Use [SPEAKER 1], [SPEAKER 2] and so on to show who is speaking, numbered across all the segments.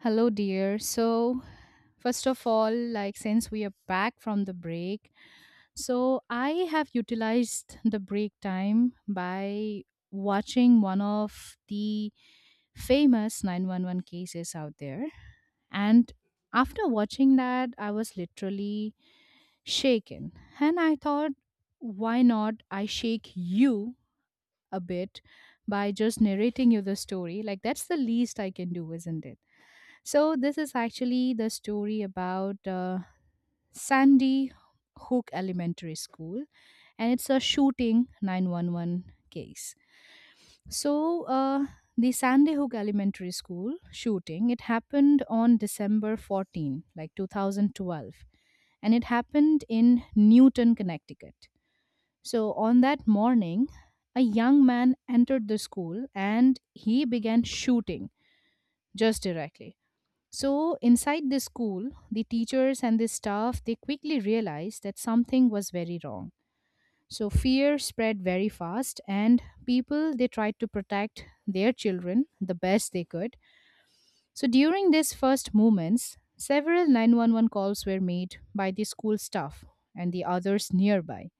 [SPEAKER 1] Hello, dear. First of all, like since we are back from the break, so I have utilized the break time by watching one of the famous 911 cases out there. And after watching that, I was literally shaken. And I thought, why not I shake you a bit by just narrating you the story? Like, that's the least I can do, isn't it? So, this is actually the story about Sandy Hook Elementary School, and it's a shooting 911 case. So, uh, the Sandy Hook Elementary School shooting, it happened on December 14, like 2012, and it happened in Newton, Connecticut. So, on that morning, a young man entered the school and he began shooting just directly. So inside the school, the teachers and the staff they quickly realized that something was very wrong. So fear spread very fast and people they tried to protect their children the best they could. So during these first movements, several 911 calls were made by the school staff and the others nearby.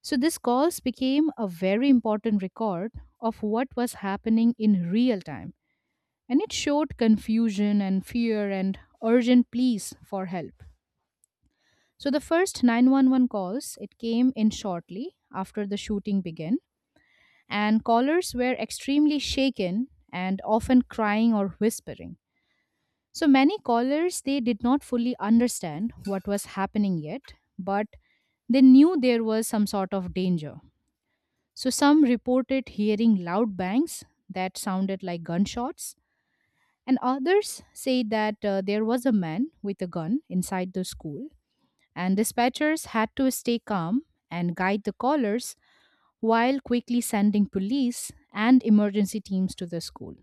[SPEAKER 1] So these calls became a very important record of what was happening in real time, and it showed confusion and fear and urgent pleas for help. So the first 911 calls it came in shortly after the shooting began, and callers were extremely shaken and often crying or whispering. So many callers they did not fully understand what was happening yet, but they knew there was some sort of danger. So some reported hearing loud bangs that sounded like gunshots. And others say that there was a man with a gun inside the school, and dispatchers had to stay calm and guide the callers while quickly sending police and emergency teams to the school.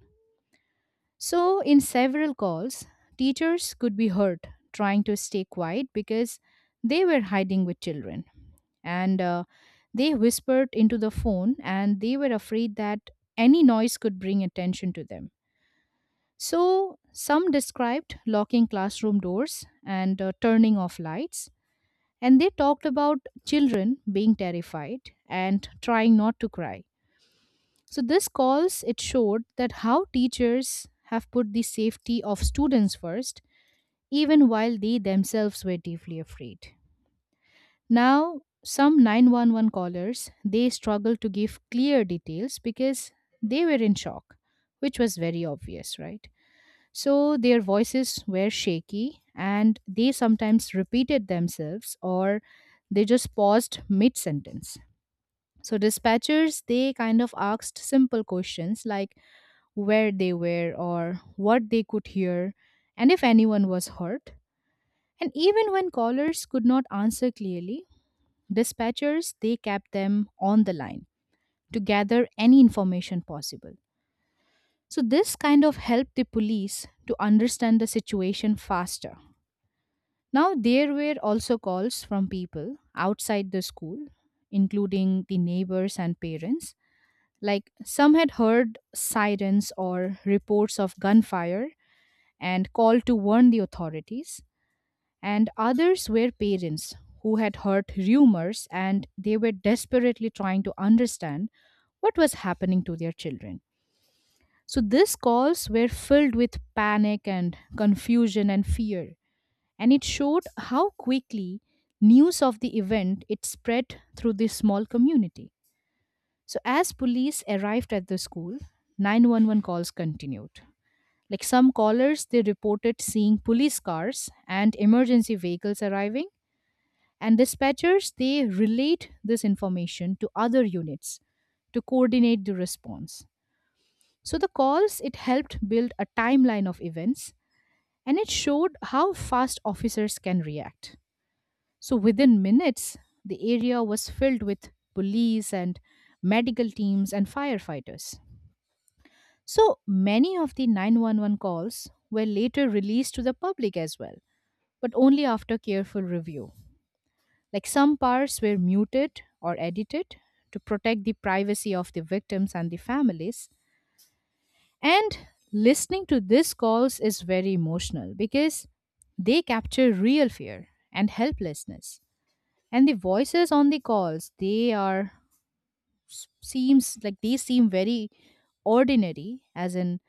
[SPEAKER 1] So, in several calls, teachers could be heard trying to stay quiet because they were hiding with children. And they whispered into the phone, and they were afraid that any noise could bring attention to them. So, some described locking classroom doors and turning off lights, and they talked about children being terrified and trying not to cry. So, this calls it showed that how teachers have put the safety of students first, even while they themselves were deeply afraid. Now, some 911 callers they struggled to give clear details because they were in shock, which was very obvious, right? So their voices were shaky and they sometimes repeated themselves or they just paused mid sentence. So dispatchers they kind of asked simple questions like where they were or what they could hear and if anyone was hurt. And even when callers could not answer clearly, dispatchers they kept them on the line to gather any information possible. So this kind of helped the police to understand the situation faster. Now, there were also calls from people outside the school, including the neighbors and parents. Like some had heard sirens or reports of gunfire and called to warn the authorities, and others were parents who had heard rumors and they were desperately trying to understand what was happening to their children. So these calls were filled with panic and confusion and fear, and it showed how quickly news of the event it spread through this small community. So as police arrived at the school, 911 calls continued. Like some callers they reported seeing police cars and emergency vehicles arriving, and dispatchers they relayed this information to other units to coordinate the response. So the calls it helped build a timeline of events, and it showed how fast officers can react. So within minutes, the area was filled with police and medical teams and firefighters. So many of the 911 calls were later released to the public as well, but only after careful review. Like some parts were muted or edited to protect the privacy of the victims and the families. And listening to these calls is very emotional because they capture real fear and helplessness. And the voices on the calls they are seems like they seem very ordinary, as in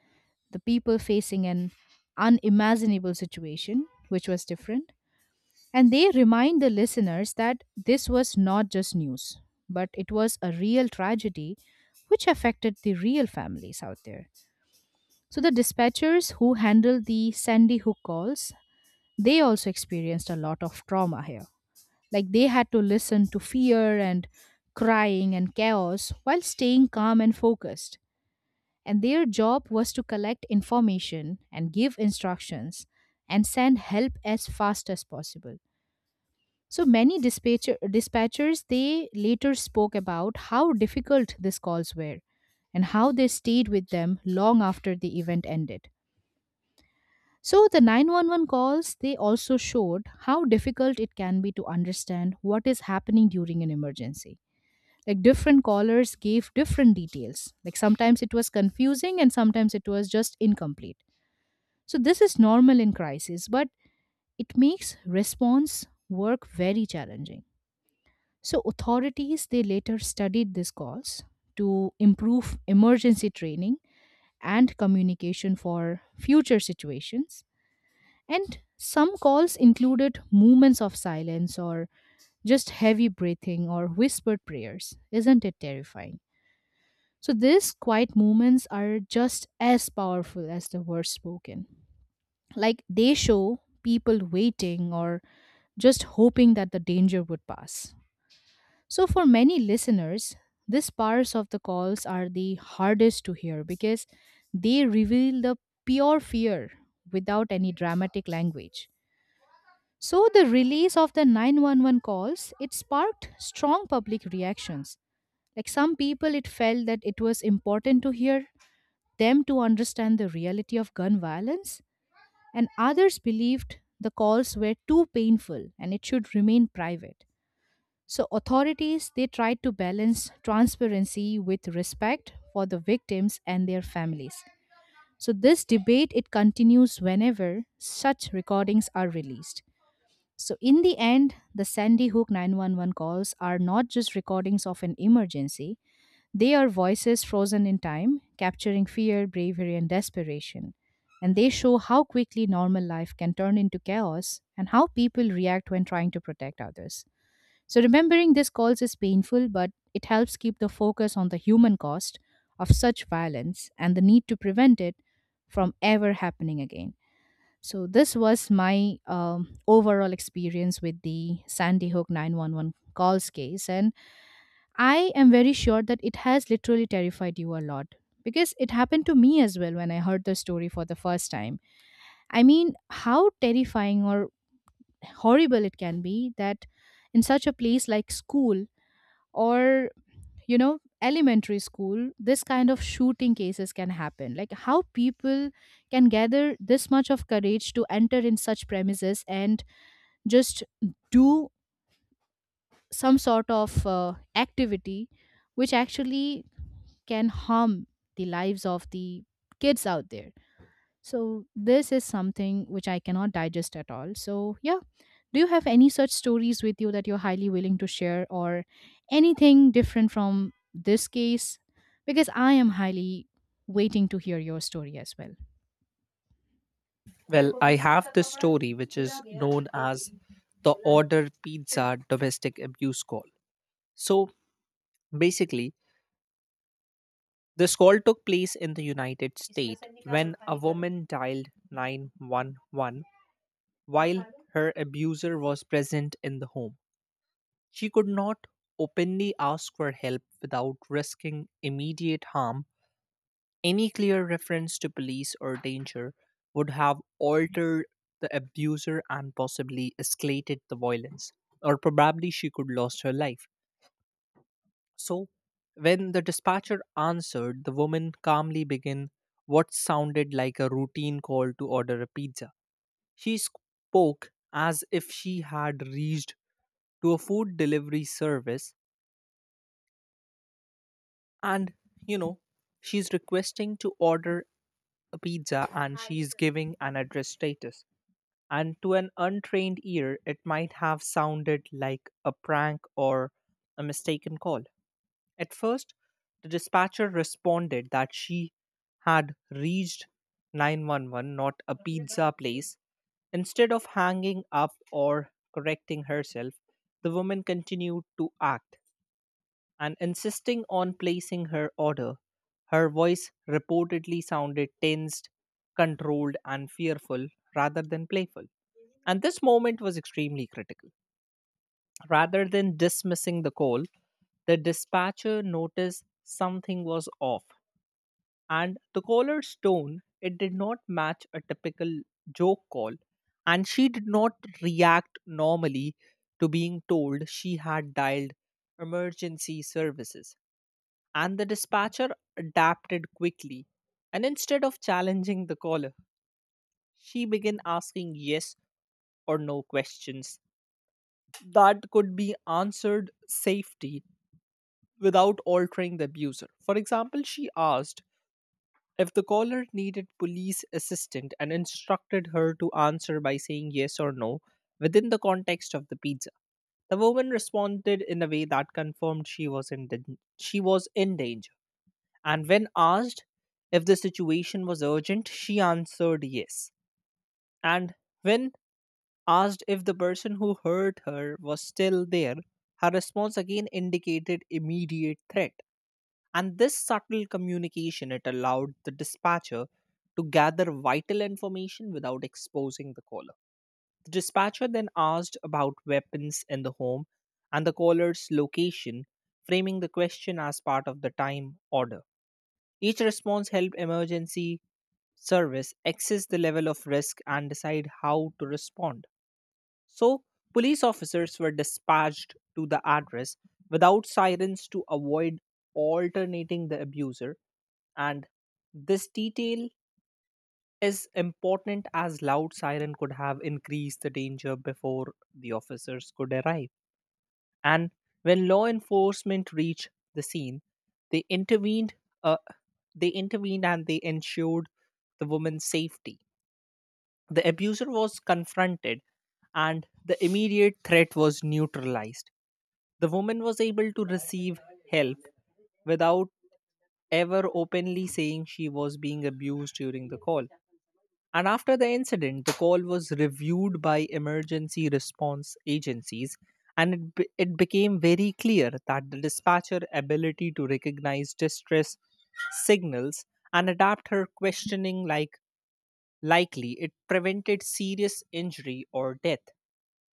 [SPEAKER 1] the people facing an unimaginable situation which was different, and they remind the listeners that this was not just news but it was a real tragedy which affected the real families out there. So the dispatchers who handled the Sandy Hook calls, they also experienced a lot of trauma here. Like they had to listen to fear and crying and chaos while staying calm and focused. And their job was to collect information and give instructions and send help as fast as possible. So many dispatchers they later spoke about how difficult these calls were and how they stayed with them long after the event ended. So the 911 calls they also showed how difficult it can be to understand what is happening during an emergency. Like different callers gave different details, like sometimes it was confusing and sometimes it was just incomplete. So this is normal in crisis, but it makes response work very challenging. So authorities they later studied this cause to improve emergency training and communication for future situations. And some calls included moments of silence or just heavy breathing or whispered prayers. Isn't it terrifying? So these quiet moments are just as powerful as the words spoken. Like they show people waiting or just hoping that the danger would pass. So for many listeners, these parts of the calls are the hardest to hear because they reveal the pure fear without any dramatic language. So the release of the 911 calls, it sparked strong public reactions. Like some people it felt that it was important to hear them to understand the reality of gun violence, and others believed the calls were too painful and it should remain private. So authorities they tried to balance transparency with respect for the victims and their families. So this debate it continues whenever such recordings are released. So in the end, the Sandy Hook 911 calls are not just recordings of an emergency, they are voices frozen in time, capturing fear, bravery, and desperation. And they show how quickly normal life can turn into chaos and how people react when trying to protect others. So, remembering these calls is painful, but it helps keep the focus on the human cost of such violence and the need to prevent it from ever happening again. So, this was my overall experience with the Sandy Hook 911 calls case. And I am very sure that it has literally terrified you a lot because it happened to me as well when I heard the story for the first time. I mean, how terrifying or horrible it can be that in such a place like school or, you know, elementary school, this kind of shooting cases can happen. Like, how people can gather this much of courage to enter in such premises and just do some sort of activity which actually can harm the lives of the kids out there. So, this is something which I cannot digest at all. So, yeah, do you have any such stories with you that you're highly willing to share or anything different from this case? Because I am highly waiting to hear your story as well.
[SPEAKER 2] Well, I have this story which is known as the Order Pizza Domestic Abuse Call. So basically, this call took place in the United States when a woman dialed 911 while her abuser was present in the home. She could not openly ask for help without risking immediate harm. Any clear reference to police or danger would have altered the abuser and possibly escalated the violence, or probably she could lost her life. So, when the dispatcher answered, the woman calmly began what sounded like a routine call to order a pizza. She spoke as if she had reached to a food delivery service and, you know, she's requesting to order a pizza and she's giving an address status. And to an untrained ear, it might have sounded like a prank or a mistaken call. At first, the dispatcher responded that she had reached 911, not a pizza place. Instead of hanging up or correcting herself, the woman continued to act and insisting on placing her order. Her voice reportedly sounded tensed, controlled, and fearful rather than playful. And this moment was extremely critical. Rather than dismissing the call, the dispatcher noticed something was off and the caller's tone it did not match a typical joke call, and she did not react normally to being told she had dialed emergency services, and the dispatcher adapted quickly. And instead of challenging the caller, she began asking yes or no questions that could be answered safely without altering the abuser. For example, she asked if the caller needed police assistance and instructed her to answer by saying yes or no within the context of the pizza. The woman responded in a way that confirmed she was in danger. And when asked if the situation was urgent, she answered yes. And when asked if the person who hurt her was still there, her response again indicated immediate threat. And this subtle communication it allowed the dispatcher to gather vital information without exposing the caller. The dispatcher then asked about weapons in the home and the caller's location, framing the question as part of the time order. Each response helped emergency service assess the level of risk and decide how to respond. So, police officers were dispatched to the address without sirens to avoid alternating the abuser, and this detail is important as loud siren could have increased the danger before the officers could arrive. And when law enforcement reached the scene, they intervened. Uh, they intervened and they ensured the woman's safety. The abuser was confronted, and the immediate threat was neutralized. The woman was able to receive help without ever openly saying she was being abused during the call. And after the incident, the call was reviewed by emergency response agencies, and it became very clear that the dispatcher' ability to recognize distress signals and adapt her questioning like likely it prevented serious injury or death,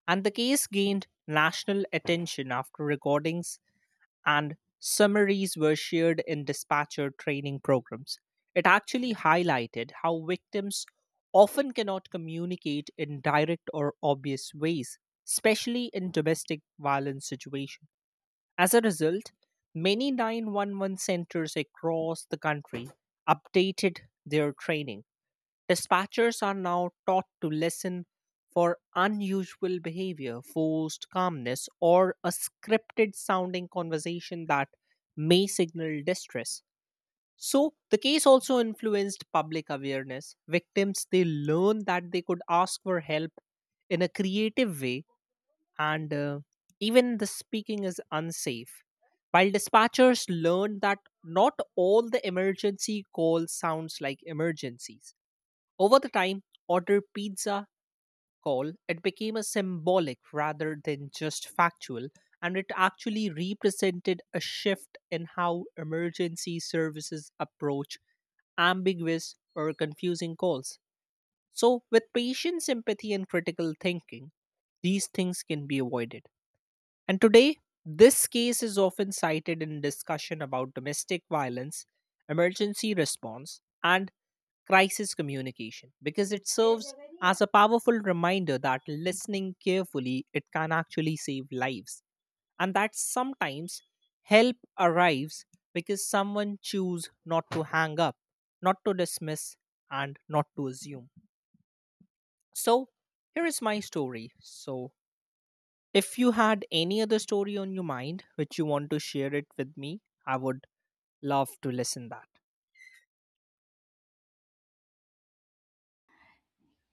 [SPEAKER 2] and the case gained national attention after recordings and summaries were shared in dispatcher training programs. It actually highlighted how victims often cannot communicate in direct or obvious ways, especially in domestic violence situations. As a result, many 911 centers across the country updated their training. Dispatchers are now taught to listen for unusual behavior, forced calmness, or a scripted sounding conversation that may signal distress. So, the case also influenced public awareness. Victims they learned that they could ask for help in a creative way, and even the speaking is unsafe. While dispatchers learned that not all the emergency calls sounds like emergencies. Over the time, order pizza call, it became a symbolic rather than just factual, and it actually represented a shift in how emergency services approach ambiguous or confusing calls. So, with patient sympathy and critical thinking, these things can be avoided. And today, this case is often cited in discussion about domestic violence, emergency response, and crisis communication because it serves as a powerful reminder that listening carefully it can actually save lives, and that sometimes help arrives because someone choose not to hang up, not to dismiss, and not to assume. So here is my story. So if you had any other story on your mind which you want to share it with me, I would love to listen that.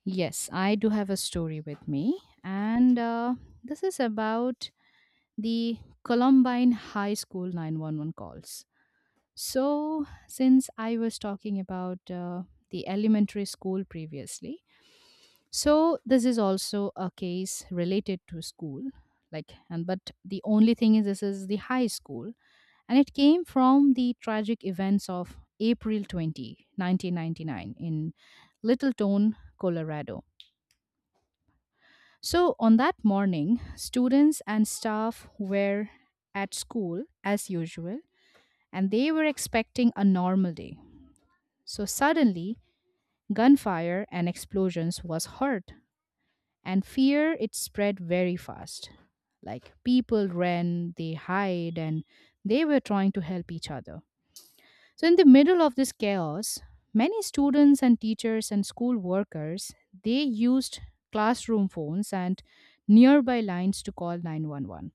[SPEAKER 1] Yes, I do have a story with me, and this is about the Columbine High School 911 calls. So, since I was talking about the elementary school previously, so this is also a case related to school. Like and but the only thing is this is the high school, and it came from the tragic events of April 20, 1999 in Littleton, Colorado. So on that morning, students and staff were at school as usual and they were expecting a normal day. So suddenly, gunfire and explosions was heard and fear it spread very fast. Like people ran, they hide, and they were trying to help each other. So in the middle of this chaos, many students and teachers and school workers they used classroom phones and nearby lines to call 911.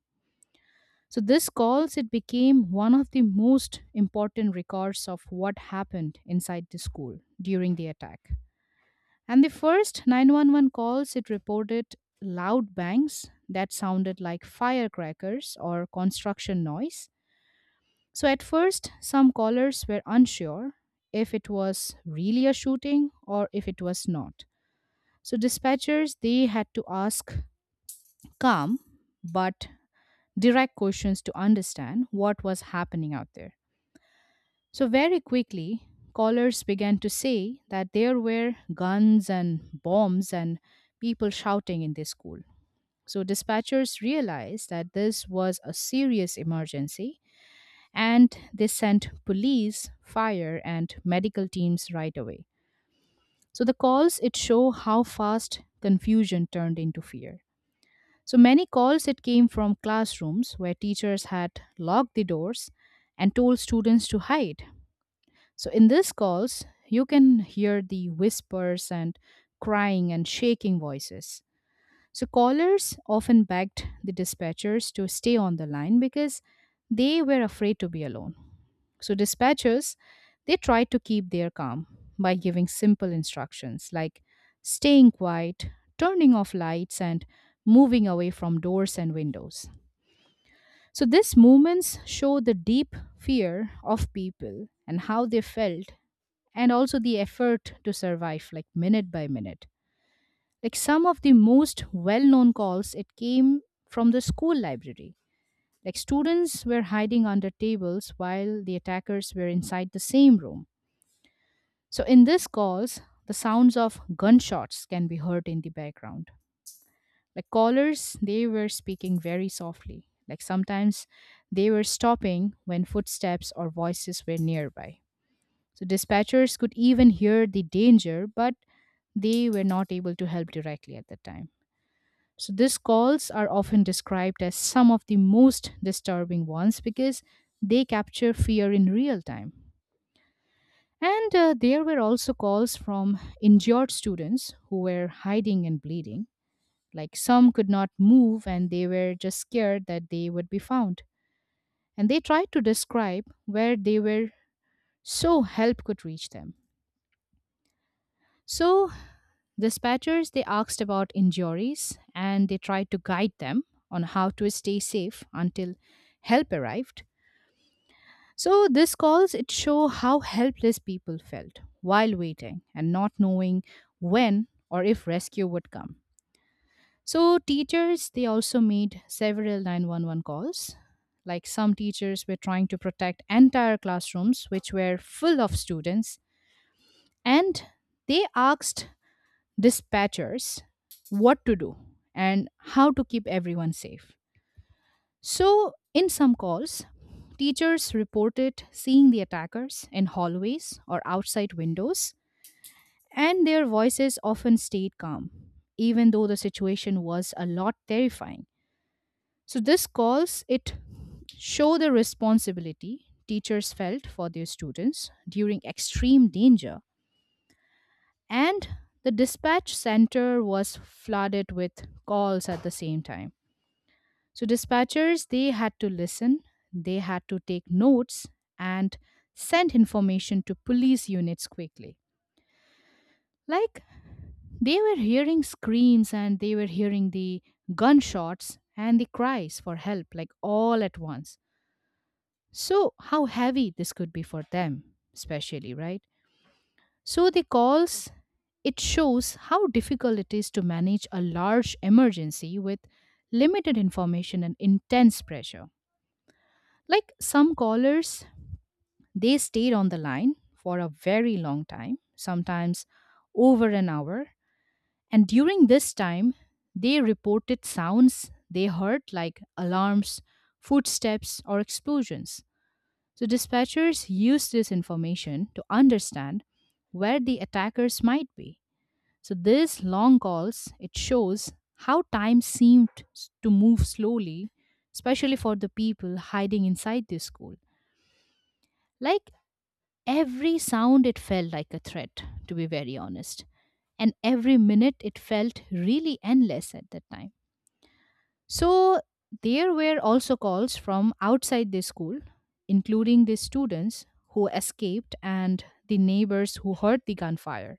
[SPEAKER 1] So this calls it became one of the most important records of what happened inside the school during the attack. And the first 911 calls, it reported loud bangs that sounded like firecrackers or construction noise. So, at first, some callers were unsure if it was really a shooting or if it was not. So, dispatchers they had to ask calm but direct questions to understand what was happening out there. So, very quickly, callers began to say that there were guns and bombs and people shouting in the school. So, dispatchers realized that this was a serious emergency and they sent police, fire, and medical teams right away. So, the calls it show how fast confusion turned into fear. So, many calls it came from classrooms where teachers had locked the doors and told students to hide. So in these calls, you can hear the whispers and crying and shaking voices. So callers often begged the dispatchers to stay on the line because they were afraid to be alone. So dispatchers, they tried to keep their calm by giving simple instructions like staying quiet, turning off lights, and moving away from doors and windows. So these movements show the deep fear of people and how they felt, and also the effort to survive, like minute by minute. Like some of the most well-known calls it came from the school library. Like students were hiding under tables while the attackers were inside the same room. So in these calls, the sounds of gunshots can be heard in the background. Like callers, they were speaking very softly. Like sometimes they were stopping when footsteps or voices were nearby. So dispatchers could even hear the danger, but they were not able to help directly at that time. So these calls are often described as some of the most disturbing ones because they capture fear in real time. And there were also calls from injured students who were hiding and bleeding. Like some could not move and they were just scared that they would be found. And they tried to describe where they were so help could reach them. So dispatchers, they asked about injuries and they tried to guide them on how to stay safe until help arrived. So these calls it show how helpless people felt while waiting and not knowing when or if rescue would come. So teachers they also made several 911 calls. Like some teachers were trying to protect entire classrooms which were full of students, and they asked dispatchers what to do and how to keep everyone safe. So, in some calls, teachers reported seeing the attackers in hallways or outside windows, and their voices often stayed calm, even though the situation was a lot terrifying. So, this calls it show the responsibility teachers felt for their students during extreme danger. And the dispatch center was flooded with calls at the same time, so dispatchers they had to listen, they had to take notes, and send information to police units quickly. Like they were hearing screams and they were hearing the gunshots and the cries for help, like all at once. So how heavy this could be for them, especially, right? So the calls it shows how difficult it is to manage a large emergency with limited information and intense pressure. Like some callers, they stayed on the line for a very long time, sometimes over an hour, and during this time, they reported sounds they heard like alarms, footsteps, or explosions. So dispatchers used this information to understand where the attackers might be. So these long calls, it shows how time seemed to move slowly, especially for the people hiding inside the school. Like every sound it felt like a threat, to be very honest. And every minute it felt really endless at that time. So there were also calls from outside the school, including the students who escaped and the neighbors who heard the gunfire.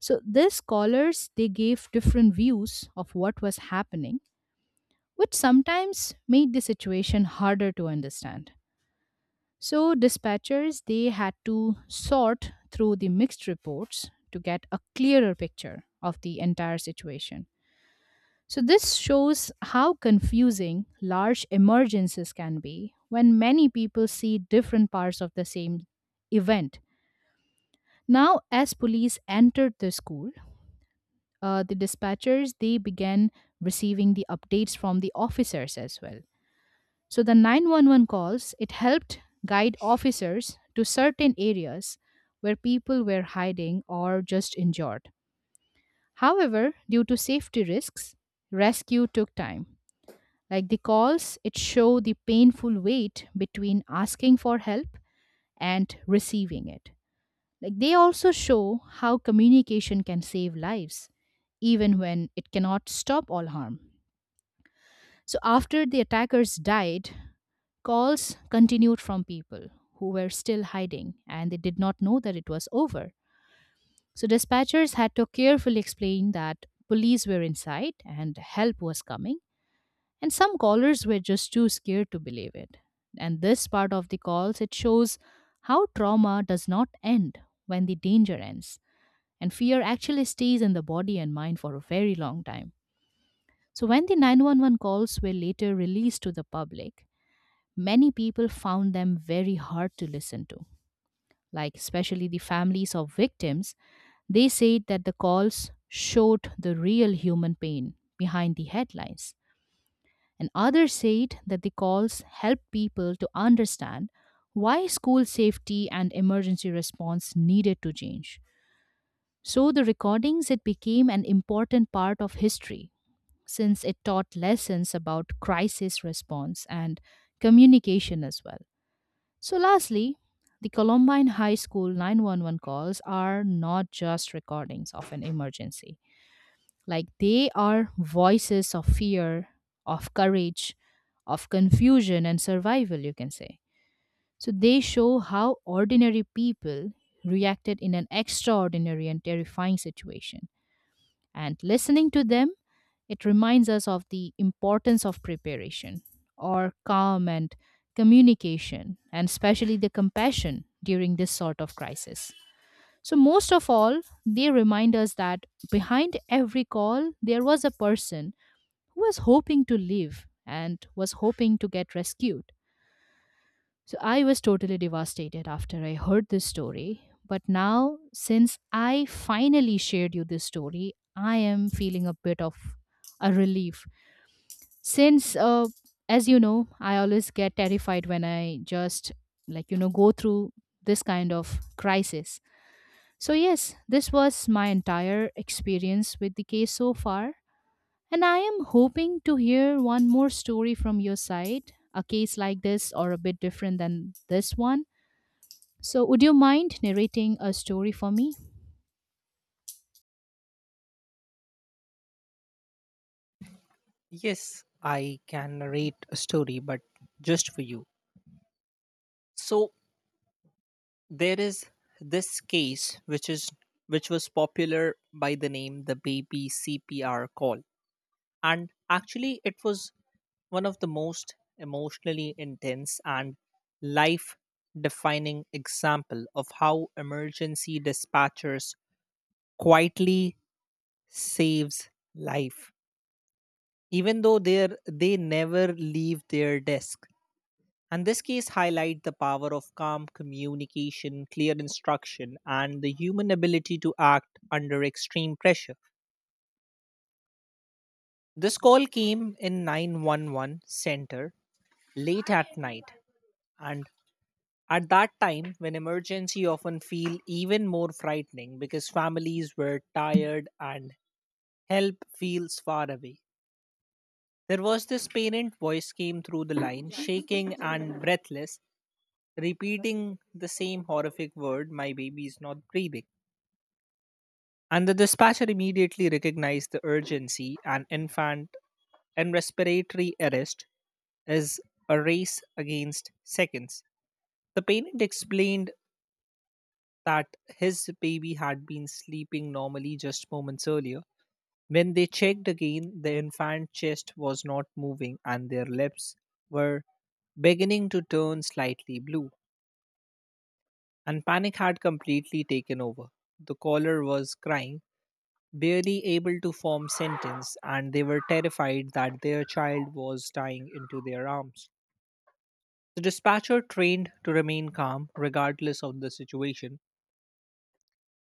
[SPEAKER 1] So these scholars they gave different views of what was happening, which sometimes made the situation harder to understand. So dispatchers they had to sort through the mixed reports to get a clearer picture of the entire situation. So this shows how confusing large emergencies can be when many people see different parts of the same event. Now as police entered the school, the dispatchers they began receiving the updates from the officers as well. So the 911 calls it helped guide officers to certain areas where people were hiding or just injured. However, due to safety risks, rescue took time. Like the calls it showed the painful wait between asking for help and receiving it. Like they also show how communication can save lives, even when it cannot stop all harm. So after the attackers died, calls continued from people who were still hiding and they did not know that it was over. So dispatchers had to carefully explain that police were inside and help was coming, and some callers were just too scared to believe it. And this part of the calls it shows how trauma does not end when the danger ends. And fear actually stays in the body and mind for a very long time. So, when the 911 calls were later released to the public, many people found them very hard to listen to, like especially the families of victims. They said that the calls showed the real human pain behind the headlines. And others said that the calls helped people to understand why school safety and emergency response needed to change. So the recordings it became an important part of history, since it taught lessons about crisis response and communication as well. So lastly, the Columbine High School 911 calls are not just recordings of an emergency. Like they are voices of fear, of courage, of confusion and survival, you can say. So they show how ordinary people reacted in an extraordinary and terrifying situation. And listening to them, it reminds us of the importance of preparation or calm and communication, and especially the compassion during this sort of crisis. So, most of all, they remind us that behind every call, there was a person who was hoping to live and was hoping to get rescued. So I was totally devastated after I heard this story. But now, since I finally shared you this story, I am feeling a bit of a relief. Since as you know, I always get terrified when I just, like, you know, go through this kind of crisis. So, yes, this was my entire experience with the case so far. And I am hoping to hear one more story from your side, a case like this or a bit different than this one, so, would you mind narrating a story for me?
[SPEAKER 2] Yes, I can narrate a story, but just for you. So there is this case which is which was popular by the name the baby CPR call. And actually it was one of the most emotionally intense and life defining example of how emergency dispatchers quietly saves life even though they never leave their desk, and this case highlight the power of calm communication, clear instruction, and the human ability to act under extreme pressure. This call came in 911 center late at night, and at that time when emergency often feel even more frightening because families were tired and help feels far away. There was this parent voice came through the line, shaking and breathless, repeating the same horrific word, my baby is not breathing. And the dispatcher immediately recognized the urgency. An infant and respiratory arrest is a race against seconds. The parent explained that his baby had been sleeping normally just moments earlier. When they checked again, the infant's chest was not moving and their lips were beginning to turn slightly blue, and panic had completely taken over. The caller was crying, barely able to form sentence, and they were terrified that their child was dying into their arms. The dispatcher, trained to remain calm regardless of the situation,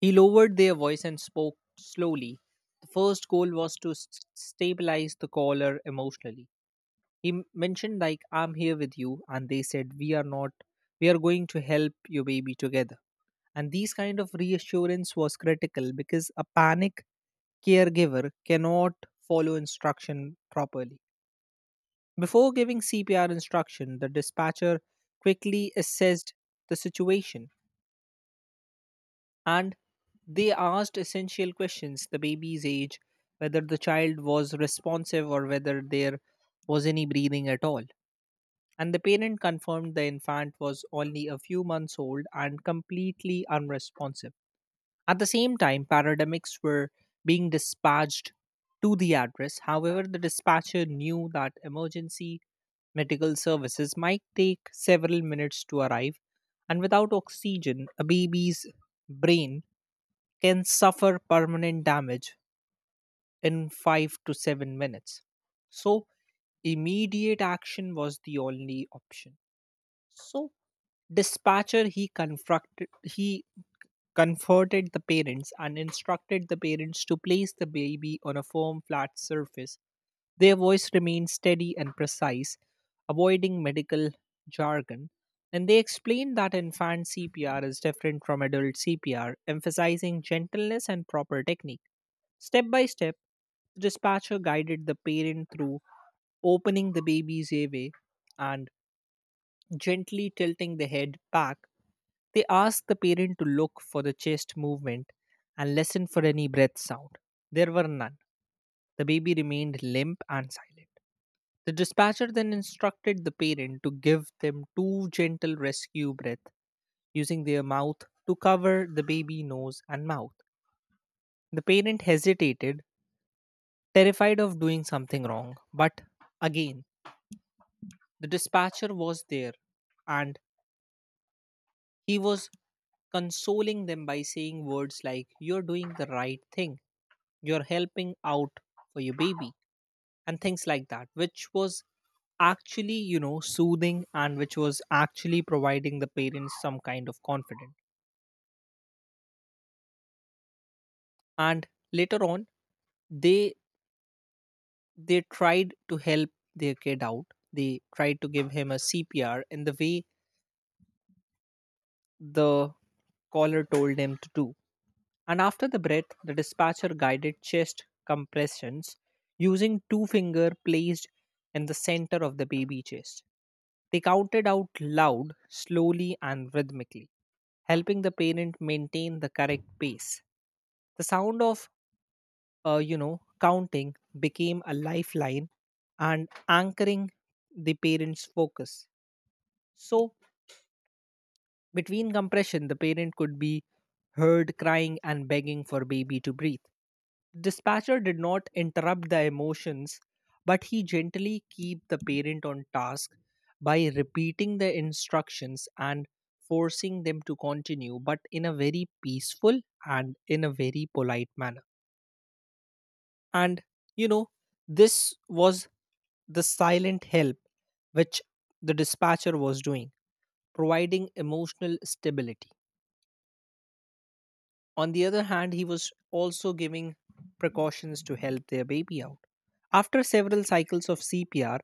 [SPEAKER 2] he lowered their voice and spoke slowly. The first goal was to stabilize the caller emotionally. He mentioned like, I'm here with you, and they said, we are not we are going to help your baby together. And these kind of reassurance was critical because a panic caregiver cannot follow instruction properly. Before giving CPR instruction the dispatcher quickly assessed the situation, and they asked essential questions, the baby's age, whether the child was responsive or whether there was any breathing at all. And the parent confirmed the infant was only a few months old and completely unresponsive. At the same time, paramedics were being dispatched to the address. However, the dispatcher knew that emergency medical services might take several minutes to arrive, and without oxygen, a baby's brain can suffer permanent damage in 5 to 7 minutes. So, immediate action was the only option. So, Dispatcher he comforted the parents and instructed the parents to place the baby on a firm flat surface. Their voice remained steady and precise, avoiding medical jargon. And they explained that infant CPR is different from adult CPR, emphasizing gentleness and proper technique. Step by step, the dispatcher guided the parent through opening the baby's airway and gently tilting the head back. They asked the parent to look for the chest movement and listen for any breath sound. There were none. The baby remained limp and silent. The dispatcher then instructed the parent to give them two gentle rescue breaths using their mouth to cover the baby nose and mouth. The parent hesitated, terrified of doing something wrong, but again, the dispatcher was there, and he was consoling them by saying words like, you're doing the right thing. You're helping out for your baby, and things like that, which was actually soothing, and which was actually providing the parents some kind of confidence. And later on, they they tried to help their kid out, they tried to give him a CPR in the way the caller told him to do. And after the breath, the dispatcher guided chest compressions using two finger placed in the center of the baby chest. They counted out loud, slowly, and rhythmically, helping the parent maintain the correct pace. The sound of, counting became a lifeline and anchoring the parent's focus. So, between compression, the parent could be heard crying and begging for baby to breathe. Dispatcher did not interrupt the emotions, but he gently keep the parent on task by repeating the instructions and forcing them to continue, but in a very peaceful and in a very polite manner. And you know, this was the silent help which the dispatcher was doing, providing emotional stability. On the other hand, he was also giving precautions to help their baby out. After several cycles of CPR,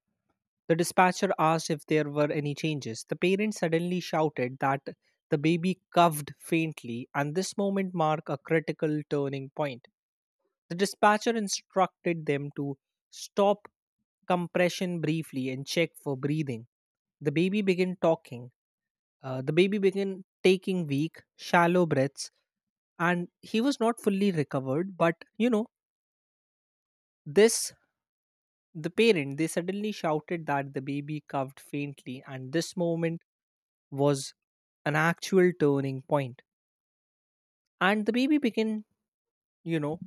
[SPEAKER 2] the dispatcher asked if there were any changes. The parent suddenly shouted that the baby coughed faintly, and this moment marked a critical turning point. The dispatcher instructed them to stop compression briefly and check for breathing. The baby began talking. The baby began taking weak, shallow breaths, and he was not fully recovered, but you know this the parent they suddenly shouted that the baby coughed faintly, and this moment was an actual turning point. And the baby began, you know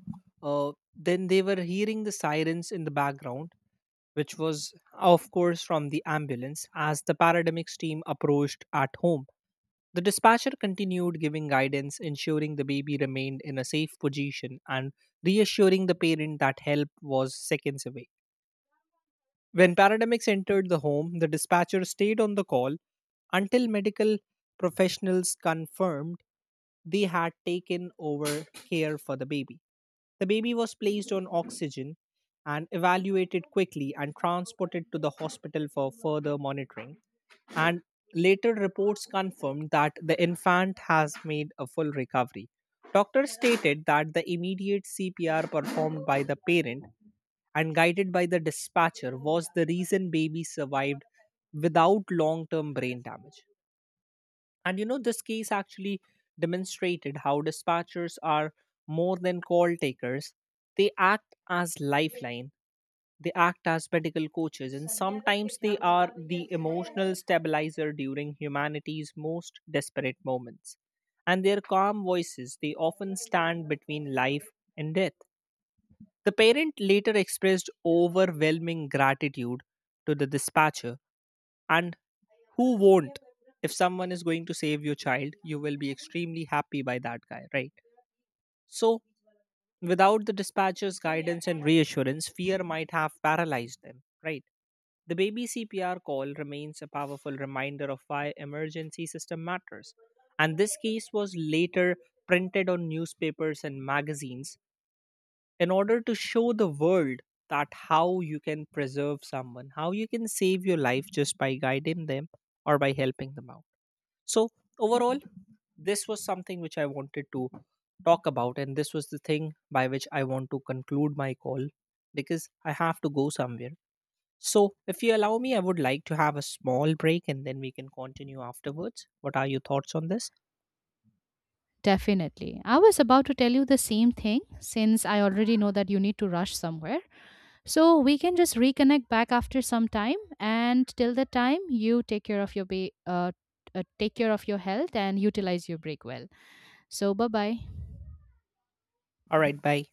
[SPEAKER 2] then they were hearing the sirens in the background, which was of course from the ambulance as the paramedics team approached at home. The dispatcher continued giving guidance, ensuring the baby remained in a safe position and reassuring the parent that help was seconds away. When paramedics entered the home, the dispatcher stayed on the call until medical professionals confirmed they had taken over care for the baby. The baby was placed on oxygen and evaluated quickly and transported to the hospital for further monitoring, and later reports confirmed that the infant has made a full recovery. Doctors stated that the immediate CPR performed by the parent and guided by the dispatcher was the reason baby survived without long term brain damage. And this case actually demonstrated how dispatchers are more than call takers, they act as lifeline, they act as medical coaches, and sometimes they are the emotional stabilizer during humanity's most desperate moments. And their calm voices, they often stand between life and death. The parent later expressed overwhelming gratitude to the dispatcher, and who won't? If someone is going to save your child, you will be extremely happy by that guy, right? So, without the dispatcher's guidance and reassurance, fear might have paralyzed them, right? The baby CPR call remains a powerful reminder of why emergency system matters. And this case was later printed on newspapers and magazines in order to show the world that how you can preserve someone, how you can save your life just by guiding them or by helping them out. So overall, this was something which I wanted to talk about, and this was the thing by which I want to conclude my call because I have to go somewhere. So, if you allow me, I would like to have a small break and then we can continue afterwards. What are your thoughts on this?
[SPEAKER 1] Definitely. I was about to tell you the same thing since I already know that you need to rush somewhere. So, we can just reconnect back after some time, and till the time you take care of your health and utilize your break well. So, bye-bye.
[SPEAKER 2] All right, bye.